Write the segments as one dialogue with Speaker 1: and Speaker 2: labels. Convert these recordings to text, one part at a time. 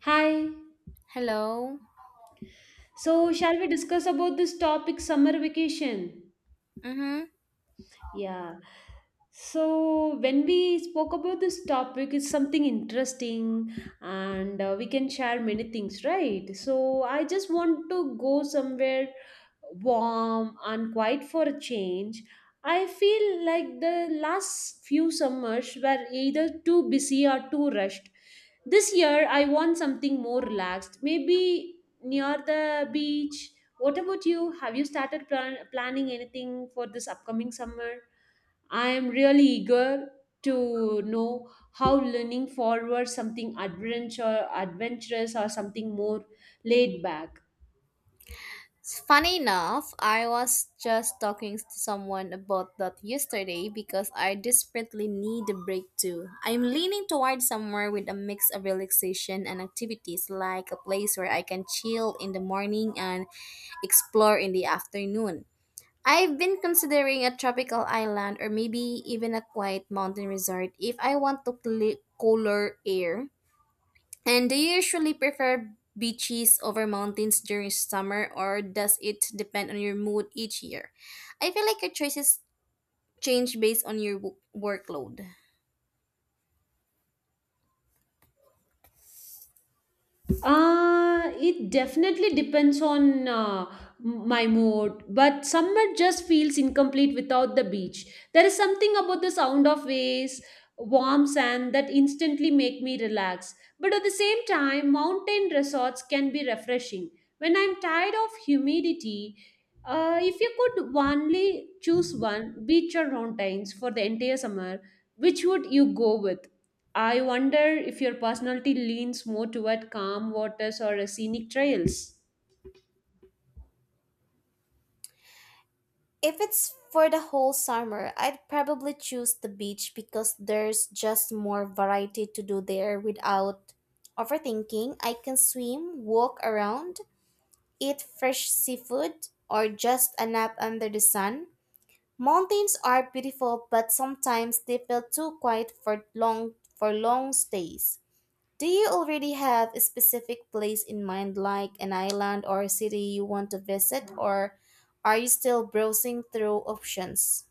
Speaker 1: Hi.
Speaker 2: Hello.
Speaker 1: So, shall we discuss about this topic summer vacation?
Speaker 2: Mm-hmm.
Speaker 1: Yeah. So when we spoke about this topic, it's something interesting, and we can share many things, right? So I just want to go somewhere warm and quiet for a change. I feel like the last few summers were either too busy or too rushed. This year, I want something more relaxed, maybe near the beach. What about you? Have you started planning anything for this upcoming summer? I am really eager to know how learning forward something adventure adventurous or something more laid back.
Speaker 2: Funny enough, I was just talking to someone about that yesterday because I desperately need a break too. I'm leaning toward somewhere with a mix of relaxation and activities, like a place where I can chill in the morning and explore in the afternoon. I've been considering a tropical island or maybe even a quiet mountain resort if I want to cooler air. And do you usually prefer beaches over mountains during summer, or does it depend on your mood each year? I feel like your choices change based on your workload.
Speaker 1: It definitely depends on my mood, but summer just feels incomplete without the beach. There is something about the sound of waves, warm sand that instantly make me relax. But at the same time, mountain resorts can be refreshing. When I'm tired of humidity, if you could only choose one, beach or mountains for the entire summer, which would you go with? I wonder if your personality leans more toward calm waters or scenic trails.
Speaker 2: If it's for the whole summer, I'd probably choose the beach because there's just more variety to do there without overthinking. I can swim, walk around, eat fresh seafood, or just a nap under the sun. Mountains are beautiful, but sometimes they feel too quiet for long stays. Do you already have a specific place in mind like an island or a city you want to visit, or are you still browsing through options?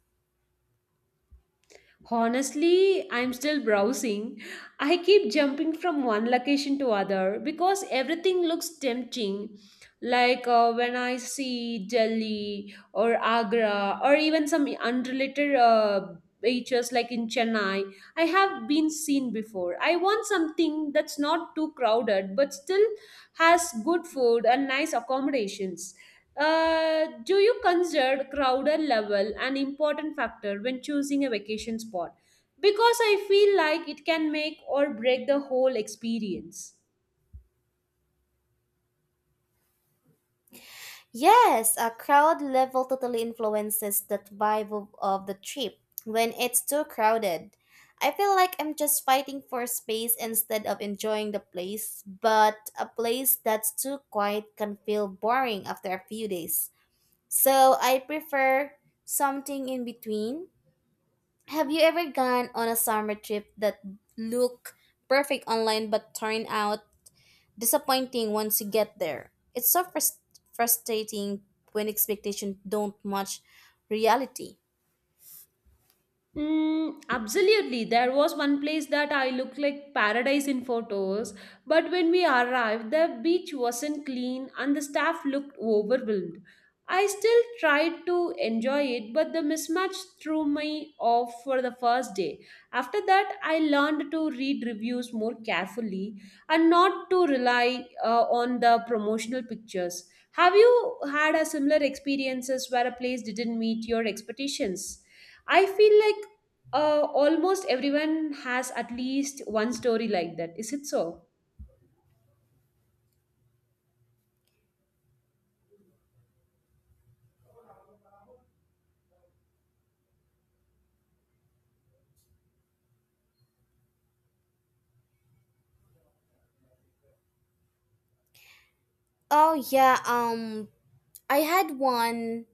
Speaker 1: Honestly, I'm still browsing. I keep jumping from one location to other because everything looks tempting. Like when I see Delhi or Agra or even some unrelated beaches like in Chennai, I have been seen before. I want something that's not too crowded but still has good food and nice accommodations. Do you consider crowded level an important factor when choosing a vacation spot? Because I feel like it can make or break the whole experience.
Speaker 2: Yes, a crowd level totally influences the vibe of the trip. When it's too crowded, I feel like I'm just fighting for space instead of enjoying the place. But a place that's too quiet can feel boring after a few days. So I prefer something in between. Have you ever gone on a summer trip that looked perfect online but turned out disappointing once you get there? It's so frustrating when expectations don't match reality.
Speaker 1: Mm, absolutely. There was one place that I looked like paradise in photos, but when we arrived, the beach wasn't clean and the staff looked overwhelmed. I still tried to enjoy it, but the mismatch threw me off for the first day. After that, I learned to read reviews more carefully and not to rely on the promotional pictures. Have you had a similar experiences where a place didn't meet your expectations? I feel like almost everyone has at least one story like that is it so
Speaker 2: Oh yeah. I had one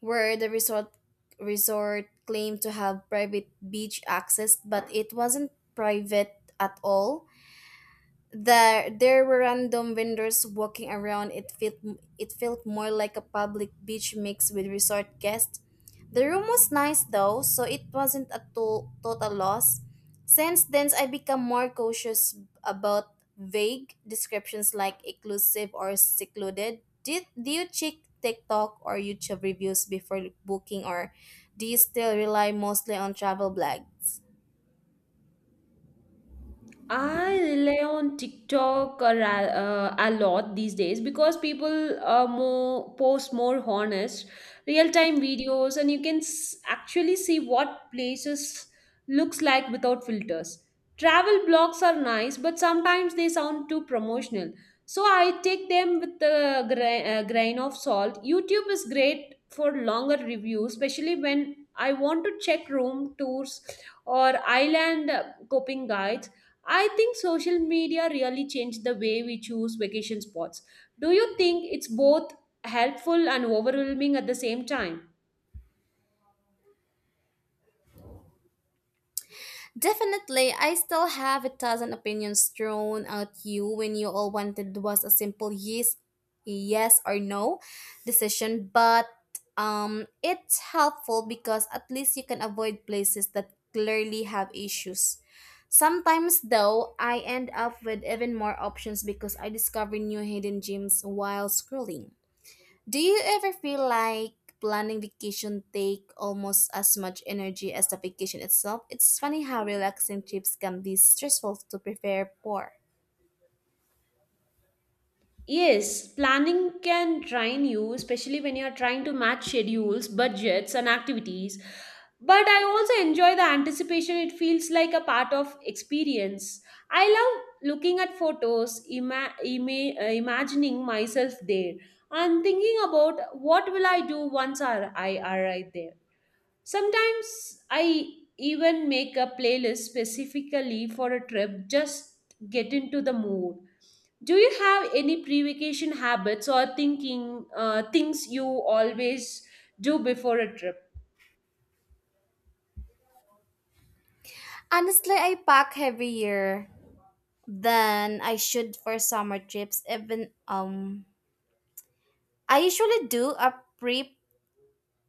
Speaker 2: where the resort claimed to have private beach access, but it wasn't private at all. There were random vendors walking around. It felt more like a public beach mixed with resort guests. The room was nice though, so it wasn't a total loss. Since then, I become more cautious about vague descriptions like exclusive or secluded. Did Do you check TikTok or YouTube reviews before booking, or do you still rely mostly on travel blogs?
Speaker 1: I rely on TikTok a lot these days because people more post more honest real time videos, and you can actually see what places looks like without filters. Travel blogs are nice, but sometimes they sound too promotional. So I take them with a grain of salt. YouTube is great for longer reviews, especially when I want to check room tours or island coping guides. I think social media really changed the way we choose vacation spots. Do you think it's both helpful and overwhelming at the same time?
Speaker 2: Definitely, I still have a thousand opinions thrown at you when you all wanted was a simple yes or no decision, but it's helpful because at least you can avoid places that clearly have issues. Sometimes, though, I end up with even more options because I discover new hidden gems while scrolling. Do you ever feel like planning vacation take almost as much energy as the vacation itself? It's funny how relaxing trips can be stressful to prepare for.
Speaker 1: Yes, planning can drain you, especially when you're trying to match schedules, budgets, and activities. But I also enjoy the anticipation. It feels like a part of experience. I love looking at photos, imagining myself there, and thinking about what will I do once I arrive there. Sometimes I even make a playlist specifically for a trip, just get into the mood. Do you have any pre-vacation habits or thinking things you always do before a trip?
Speaker 2: Honestly, I pack heavier than I should for summer trips. Even I usually do a pre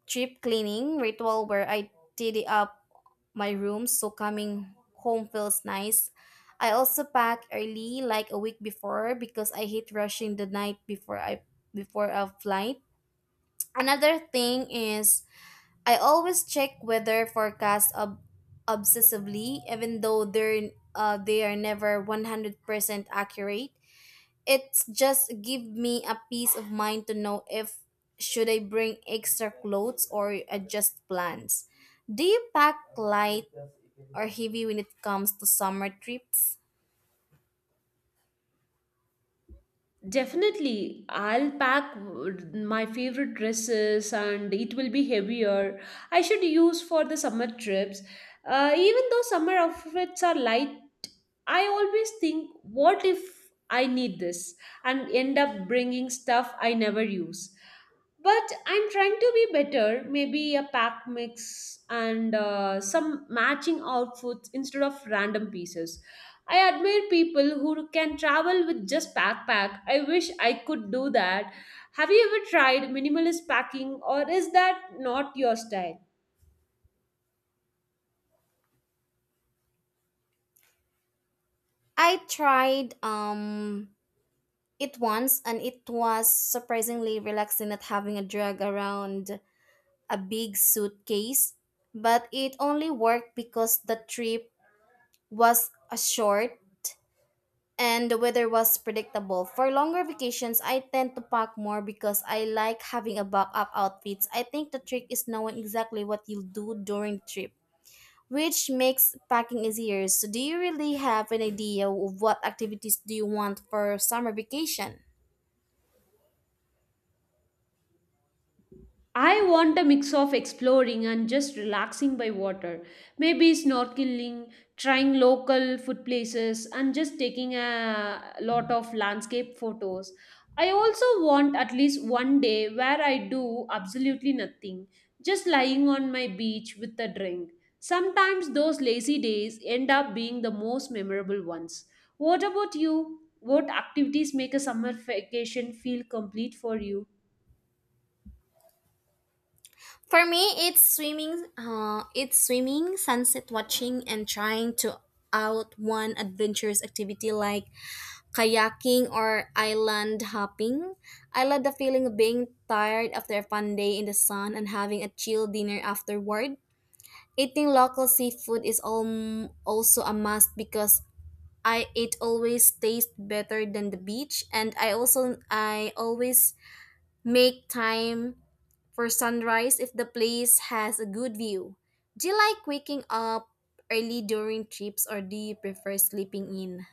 Speaker 2: Cheap cleaning ritual where I tidy up my room so coming home feels nice. I also pack early like a week before because I hate rushing the night before I before a flight. Another thing is I always check weather forecast obsessively even though they are never 100% accurate. It's just give me a peace of mind to know if should I bring extra clothes or adjust plans. Do you pack light or heavy when it comes to summer trips?
Speaker 1: Definitely, I'll pack my favorite dresses and it will be heavier. I should use for the summer trips. Even though summer outfits are light, I always think, what if I need this and end up bringing stuff I never use? But I'm trying to be better, maybe a pack mix and some matching outfits instead of random pieces. I admire people who can travel with just backpack. I wish I could do that. Have you ever tried minimalist packing or is that not your style?
Speaker 2: I tried it once and it was surprisingly relaxing not having a drag around a big suitcase, but it only worked because the trip was a short and the weather was predictable. For longer vacations, I tend to pack more because I like having a backup outfits. I think the trick is knowing exactly what you'll do during the trip, which makes packing easier. So, do you really have an idea of what activities do you want for summer vacation?
Speaker 1: I want a mix of exploring and just relaxing by water. Maybe snorkeling, trying local food places, and just taking a lot of landscape photos. I also want at least one day where I do absolutely nothing, just lying on my beach with a drink. Sometimes those lazy days end up being the most memorable ones. What about you? What activities make a summer vacation feel complete for you?
Speaker 2: For me, it's swimming. It's swimming, sunset watching, and trying to out one adventurous activity like kayaking or island hopping. I love the feeling of being tired after a fun day in the sun and having a chill dinner afterward. Eating local seafood is also a must because I it always tastes better than the beach and I always make time for sunrise if the place has a good view. Do you like waking up early during trips or do you prefer sleeping in?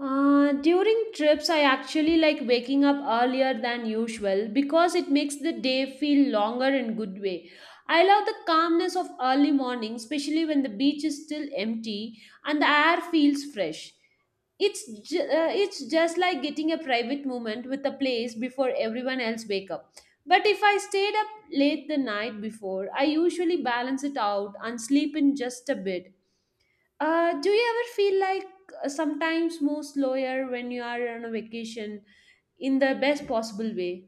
Speaker 1: During trips, I actually like waking up earlier than usual because it makes the day feel longer in good way. I love the calmness of early morning, especially when the beach is still empty and the air feels fresh. It's just like getting a private moment with a place before everyone else wake up. But if I stayed up late the night before, I usually balance it out and sleep in just a bit. Do you ever feel like sometimes move slower when you are on a vacation in the best possible way?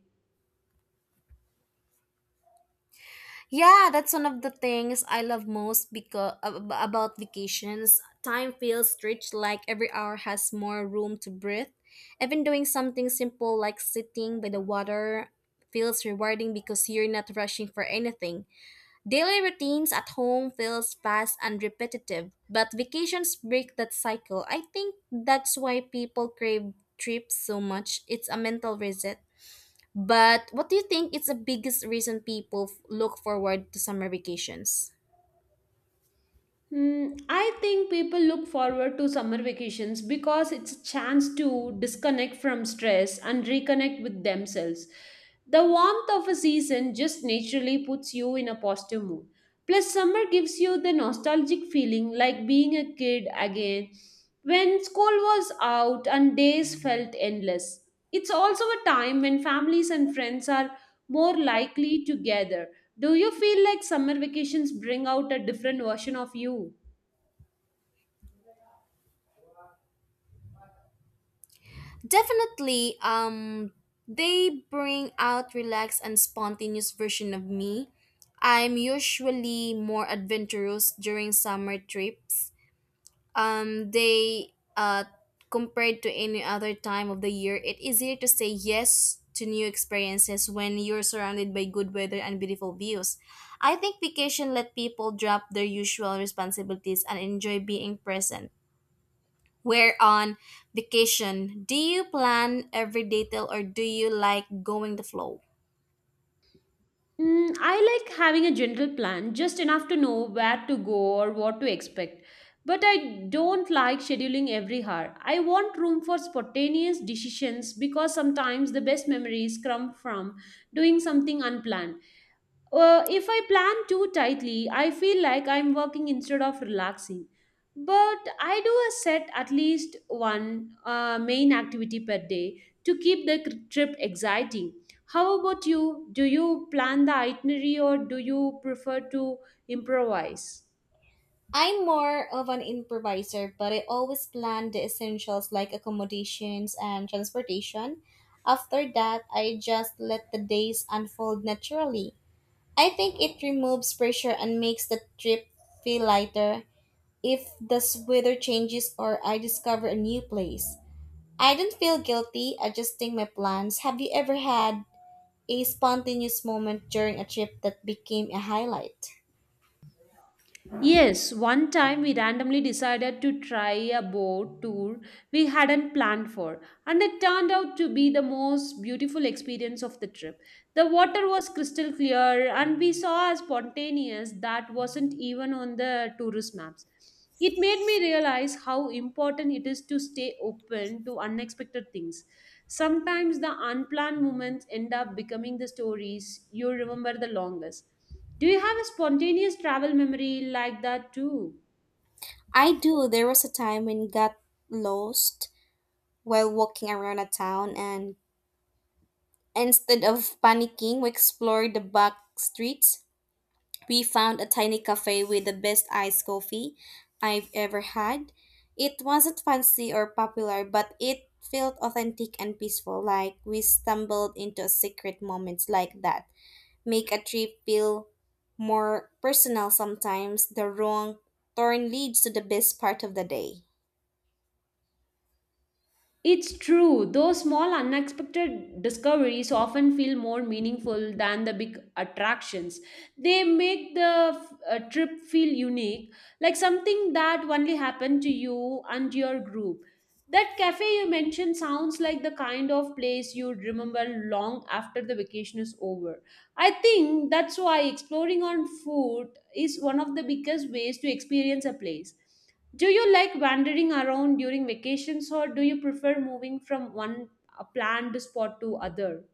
Speaker 2: Yeah, that's one of the things I love most because about vacations. Time feels rich like every hour has more room to breathe. Even doing something simple like sitting by the water feels rewarding because you're not rushing for anything. Daily routines at home feels fast and repetitive, but vacations break that cycle. I think that's why people crave trips so much. It's a mental reset. But what do you think is the biggest reason people look forward to summer vacations?
Speaker 1: Hmm, I think people look forward to summer vacations because it's a chance to disconnect from stress and reconnect with themselves. The warmth of a season just naturally puts you in a positive mood. Plus, summer gives you the nostalgic feeling like being a kid again when school was out and days felt endless. It's also a time when families and friends are more likely together. Do you feel like summer vacations bring out a different version of you?
Speaker 2: Definitely, they bring out relaxed and spontaneous version of me. I'm usually more adventurous during summer trips, they compared to any other time of the year. It is easier to say yes to new experiences when you're surrounded by good weather and beautiful views. I think vacation let people drop their usual responsibilities and enjoy being present. Where on vacation, do you plan every detail or do you like going the flow?
Speaker 1: Mm, I like having a general plan, just enough to know where to go or what to expect. But I don't like scheduling every hour. I want room for spontaneous decisions because sometimes the best memories come from doing something unplanned. If I plan too tightly, I feel like I'm working instead of relaxing. But I do a set at least one main activity per day to keep the trip exciting. How about you? Do you plan the itinerary or do you prefer to improvise?
Speaker 2: I'm more of an improviser, but I always plan the essentials like accommodations and transportation. After that, I just let the days unfold naturally. I think it removes pressure and makes the trip feel lighter if the weather changes or I discover a new place. I don't feel guilty adjusting my plans. Have you ever had a spontaneous moment during a trip that became a highlight?
Speaker 1: Yes, one time we randomly decided to try a boat tour we hadn't planned for, and it turned out to be the most beautiful experience of the trip. The water was crystal clear, and we saw a spontaneous that wasn't even on the tourist maps. It made me realize how important it is to stay open to unexpected things. Sometimes the unplanned moments end up becoming the stories you remember the longest. Do you have a spontaneous travel memory like that too?
Speaker 2: I do. There was a time when got lost while walking around a town and instead of panicking, we explored the back streets. We found a tiny cafe with the best iced coffee I've ever had. It wasn't fancy or popular, but it felt authentic and peaceful, like we stumbled into a secret moments like that. Make a trip feel more personal sometimes. The wrong turn leads to the best part of the day.
Speaker 1: It's true, those small unexpected discoveries often feel more meaningful than the big attractions. They make the trip feel unique, like something that only happened to you and your group. That cafe you mentioned sounds like the kind of place you'd remember long after the vacation is over. I think that's why exploring on foot is one of the biggest ways to experience a place. Do you like wandering around during vacations or do you prefer moving from one planned spot to other?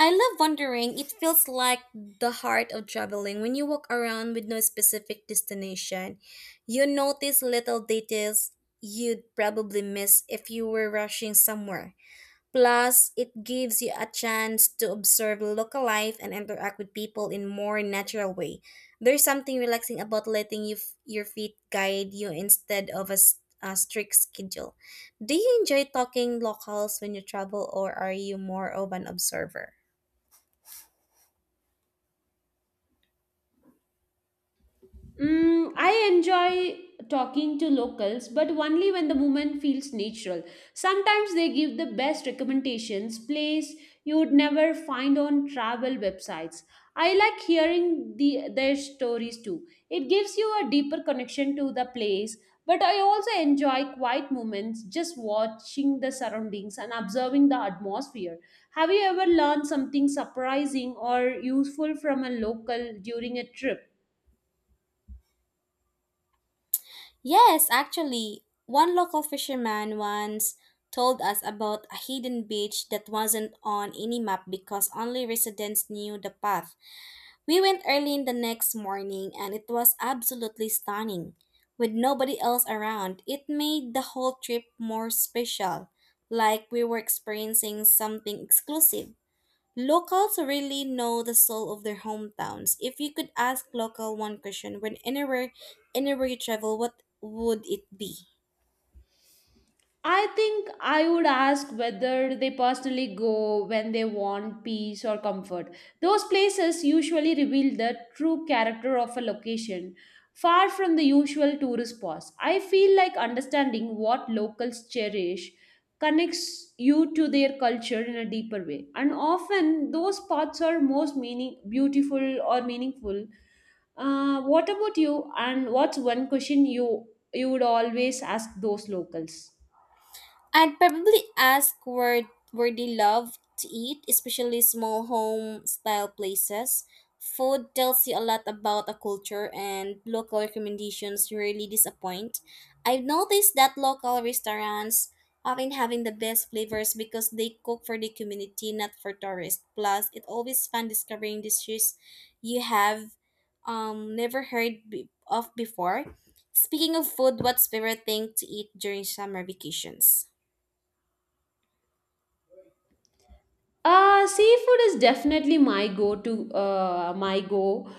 Speaker 2: I love wandering. It feels like the heart of traveling. When you walk around with no specific destination, you notice little details you'd probably miss if you were rushing somewhere. Plus, it gives you a chance to observe local life and interact with people in more natural way. There's something relaxing about letting your feet guide you instead of a strict schedule. Do you enjoy talking locals when you travel or are you more of an observer?
Speaker 1: Mm, I enjoy talking to locals, but only when the movement feels natural. Sometimes they give the best recommendations, place you would never find on travel websites. I like hearing their stories too. It gives you a deeper connection to the place, but I also enjoy quiet moments, just watching the surroundings and observing the atmosphere. Have you ever learned something surprising or useful from a local during a trip?
Speaker 2: Yes, actually, one local fisherman once told us about a hidden beach that wasn't on any map because only residents knew the path. We went early in the next morning and it was absolutely stunning. With nobody else around, it made the whole trip more special, like we were experiencing something exclusive. Locals really know the soul of their hometowns. If you could ask local one question when anywhere you travel, what would it be?
Speaker 1: I think I would ask whether they personally go when they want peace or comfort. Those places usually reveal the true character of a location, far from the usual tourist spots. I feel like understanding what locals cherish connects you to their culture in a deeper way. And often those spots are most meaning beautiful or meaningful. What about you? And what's one question you would always ask those locals?
Speaker 2: I'd probably ask where they love to eat, especially small home style places. Food tells you a lot about a culture and local recommendations rarely disappoint. I've noticed that local restaurants often having the best flavors because they cook for the community, not for tourists. Plus, it always fun discovering dishes you have never heard of before. Speaking of food, what's favorite thing to eat during summer vacations?
Speaker 1: Seafood is definitely my go to, my go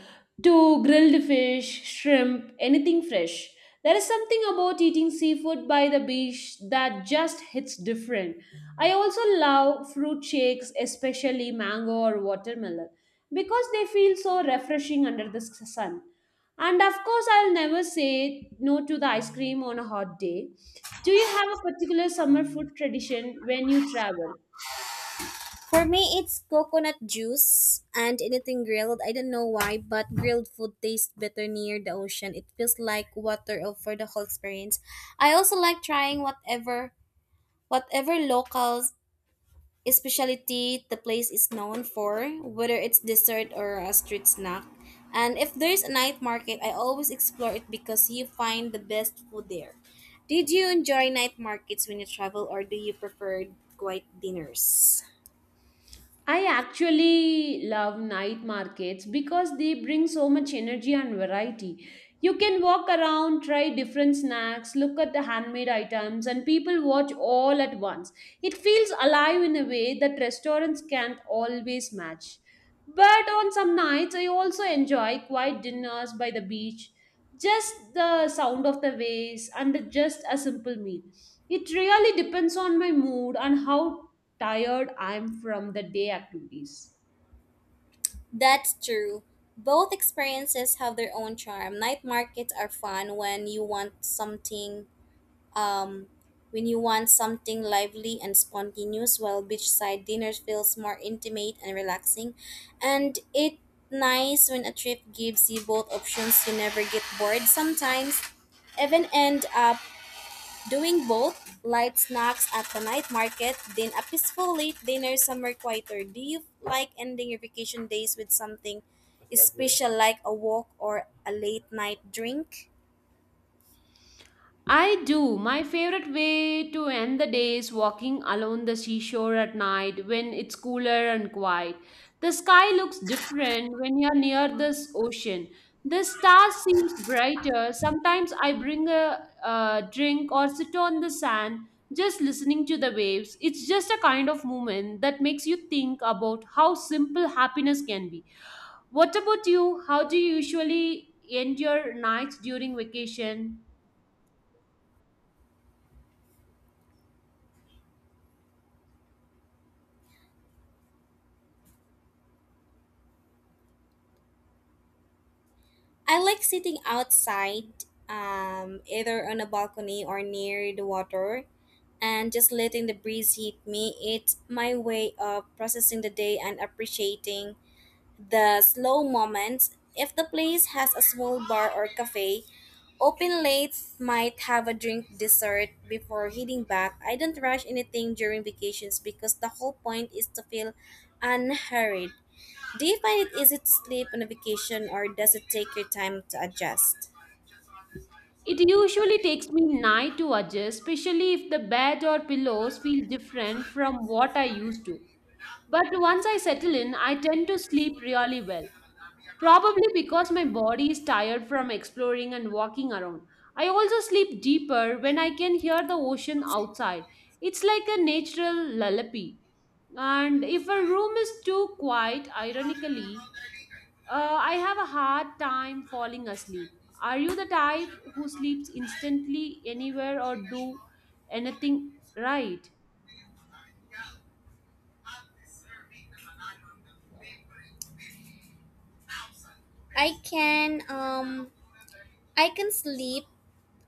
Speaker 1: to grilled fish, shrimp, anything fresh. There is something about eating seafood by the beach that just hits different. I also love fruit shakes, especially mango or watermelon, because they feel so refreshing under the sun. And of course, I'll never say no to the ice cream on a hot day. Do you have a particular summer food tradition when you travel?
Speaker 2: For me, it's coconut juice and anything grilled. I don't know why, but grilled food tastes better near the ocean. It feels like for the whole experience. I also like trying whatever local specialty the place is known for, whether it's dessert or a street snack. And if there's a night market, I always explore it because you find the best food there. Did you enjoy night markets when you travel or do you prefer quiet dinners?
Speaker 1: I actually love night markets because they bring so much energy and variety. You can walk around, try different snacks, look at the handmade items, and people watch all at once. It feels alive in a way that restaurants can't always match. But on some nights, I also enjoy quiet dinners by the beach, just the sound of the waves, and just a simple meal. It really depends on my mood and how tired I am from the day activities.
Speaker 2: That's true. Both experiences have their own charm. Night markets are fun when you want something um lively and spontaneous while beachside dinners feels more intimate and relaxing. And it nice when a trip gives you both options. You never get bored, sometimes even end up doing both, light snacks at the night market, then a peaceful late dinner somewhere quieter. Do you like ending your vacation days with something special like a walk or a late night drink?
Speaker 1: I do. My favorite way to end the day is walking along the seashore at night when it's cooler and quiet. The sky looks different when you're near this ocean. The stars seems brighter. Sometimes I bring a, drink or sit on the sand just listening to the waves. It's just a kind of moment that makes you think about how simple happiness can be. What about you? How do you usually end your nights during vacation?
Speaker 2: I like sitting outside, either on a balcony or near the water, and just letting the breeze hit me. It's my way of processing the day and appreciating the slow moments. If the place has a small bar or cafe open late, might have a drink dessert before heading back. I don't rush anything during vacations because the whole point is to feel unhurried. Do you find it easy to sleep on a vacation or does it take your time to adjust?
Speaker 1: It usually takes me night to adjust, especially if the bed or pillows feel different from what I used to. But once I settle in, I tend to sleep really well. Probably because my body is tired from exploring and walking around. I also sleep deeper when I can hear the ocean outside. It's like a natural lullaby. And if a room is too quiet, ironically, I have a hard time falling asleep. Are you the type who sleeps instantly anywhere or do anything right?
Speaker 2: I can um I can sleep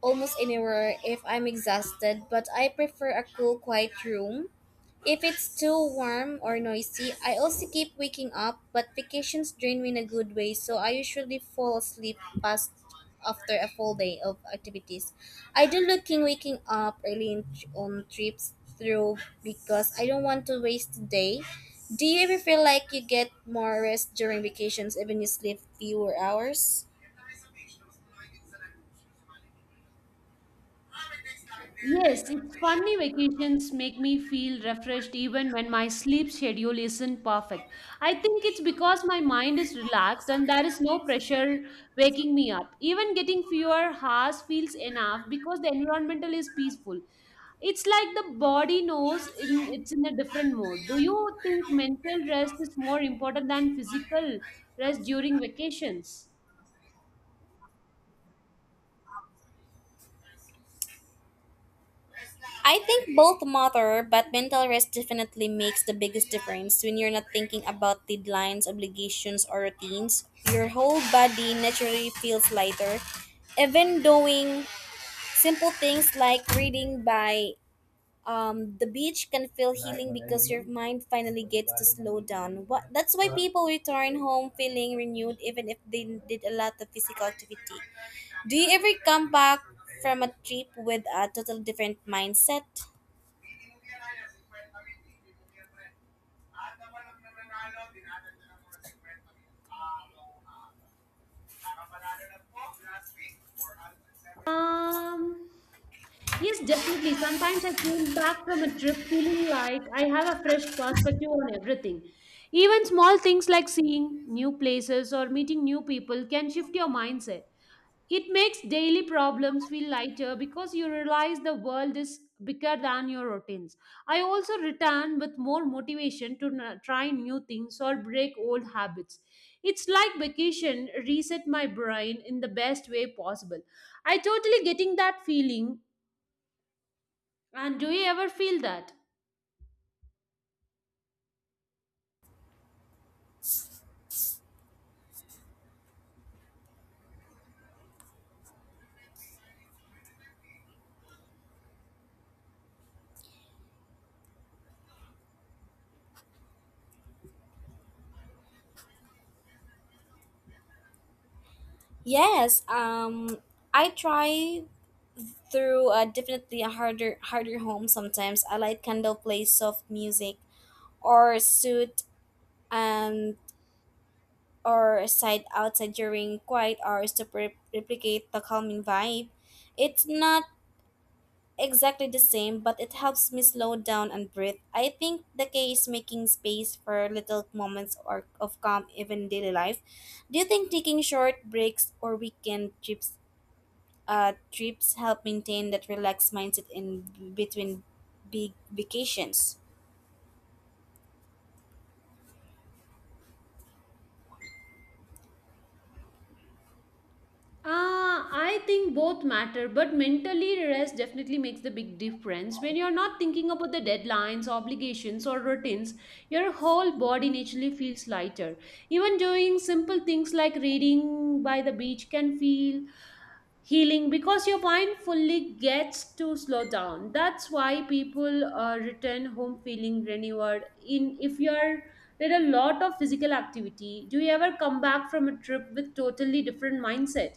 Speaker 2: almost anywhere if I'm exhausted, but I prefer a cool quiet room. If it's too warm or noisy, I also keep waking up, but vacations drain me in a good way, so I usually fall asleep past after a full day of activities. I do looking waking up early in, on trips through because I don't want to waste the day. Do you ever feel like you get more rest during vacations even you sleep fewer hours?
Speaker 1: Yes, it's funny vacations make me feel refreshed even when my sleep schedule isn't perfect. I think it's because my mind is relaxed and there is no pressure waking me up. Even getting fewer hours feels enough because the environmental is peaceful. It's like the body knows in, it's in a different mode. Do you think mental rest is more important than physical rest during vacations?
Speaker 2: I think both matter, but mental rest definitely makes the biggest difference when you're not thinking about deadlines, obligations, or routines. Your whole body naturally feels lighter. Even doing simple things like reading by the beach can feel healing because your mind finally gets to slow down. What, that's why people return home feeling renewed even if they did a lot of physical activity. Do you ever come back from a trip with a total different mindset?
Speaker 1: Um, yes, definitely. Sometimes I came back from a trip feeling like I have a fresh perspective on everything. Even small things like seeing new places or meeting new people can shift your mindset. It makes daily problems feel lighter because you realize the world is bigger than your routines. I also return with more motivation to try new things or break old habits. It's like vacation reset my brain in the best way possible. I totally getting that feeling. And do you ever feel that?
Speaker 2: Yes. I try through a definitely a harder home. Sometimes I light candle, play soft music, or suit, and or a side outside during quiet hours to replicate the calming vibe. It's not exactly the same, but it helps me slow down and breathe. I think the key is making space for little moments or of calm even in daily life. Do you think taking short breaks or weekend trips help maintain that relaxed mindset in between big vacations?
Speaker 1: Ah, I think both matter, but mentally rest definitely makes the big difference. When you're not thinking about the deadlines, obligations, or routines, your whole body naturally feels lighter. Even doing simple things like reading by the beach can feel healing because your mind fully gets to slow down. That's why people return home feeling renewed. In if you're did a lot of physical activity, do you ever come back from a trip with totally different mindset?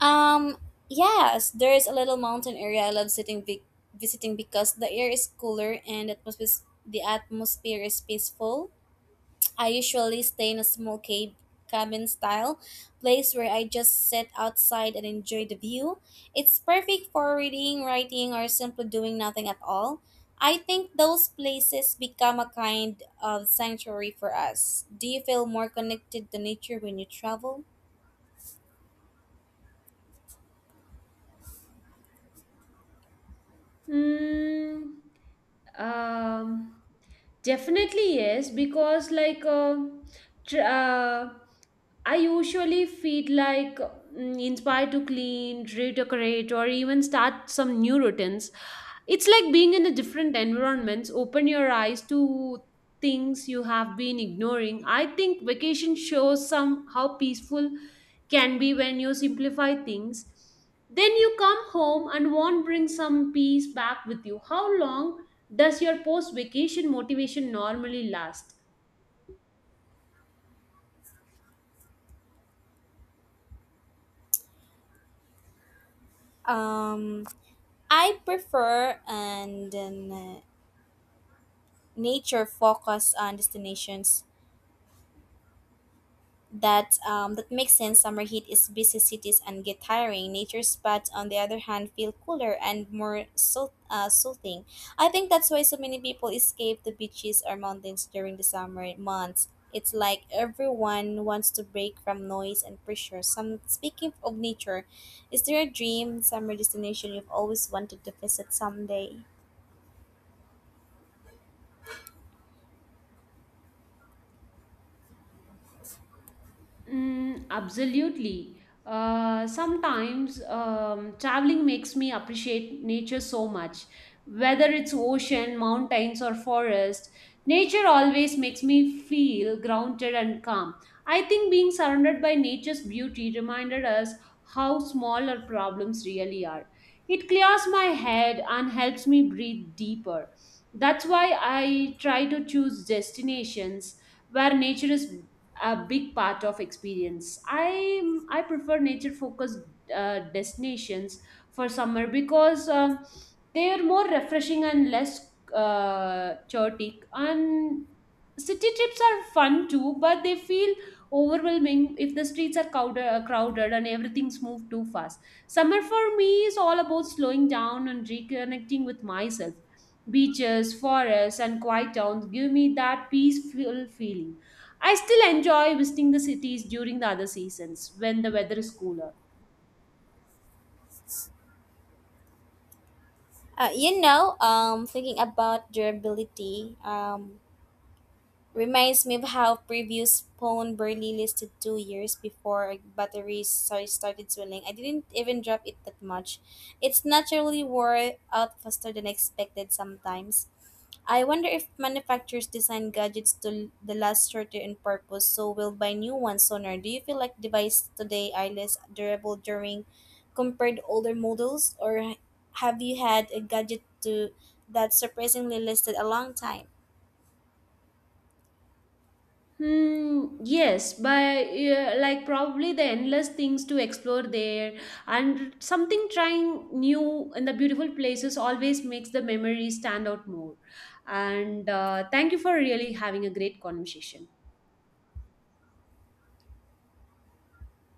Speaker 2: Um, yes, there is a little mountain area I love sitting visiting because the air is cooler and atmosphere is peaceful. I usually stay in a small cave cabin style place where I just sit outside and enjoy the view. It's perfect for reading, writing, or simply doing nothing at all. I think those places become a kind of sanctuary for us. Do you feel more connected to nature when you travel?
Speaker 1: Mm, um, Definitely yes, because tr- uh, I usually feel like inspired to clean, redecorate, or even start some new routines. It's like being in a different environment. Open your eyes to things you have been ignoring. I think vacation shows some how peaceful can be when you simplify things. Then you come home and want bring some peace back with you. How long does your post vacation motivation normally last?
Speaker 2: Um I prefer and uh, nature focus on destinations that that makes sense. Summer heat is busy cities and get tiring. Nature spots, on the other hand, feel cooler and soothing. I think that's why so many people escape the beaches or mountains during the summer months. It's like everyone wants to break from noise and pressure. Some speaking of nature, is there a dream summer destination you've always wanted to visit someday?
Speaker 1: Absolutely. Sometimes traveling makes me appreciate nature so much. Whether it's ocean, mountains, or forest, nature always makes me feel grounded and calm. I think being surrounded by nature's beauty reminded us how small our problems really are. It clears my head and helps me breathe deeper. That's why I try to choose destinations where nature is a big part of experience. I prefer nature focused destinations for summer because they are more refreshing and less chaotic. And city trips are fun too, but they feel overwhelming if the streets are crowded and everything's moved too fast. Summer for me is all about slowing down and reconnecting with myself. Beaches, forests, and quiet towns give me that peaceful feeling. I still enjoy visiting the cities during the other seasons when the weather is cooler.
Speaker 2: You know, thinking about durability reminds me of how previous phone barely lasted 2 years before batteries started swelling. I didn't even drop it that much. It's naturally wore out faster than expected sometimes. I wonder if manufacturers design gadgets to the last shorter in purpose, so we'll buy new ones sooner. Do you feel like devices today are less durable during compared to older models, or have you had a gadget to that surprisingly lasted a long time?
Speaker 1: Yes, but yeah, like probably the endless things to explore there and something trying new in the beautiful places always makes the memories stand out more. And thank you for really having a great conversation.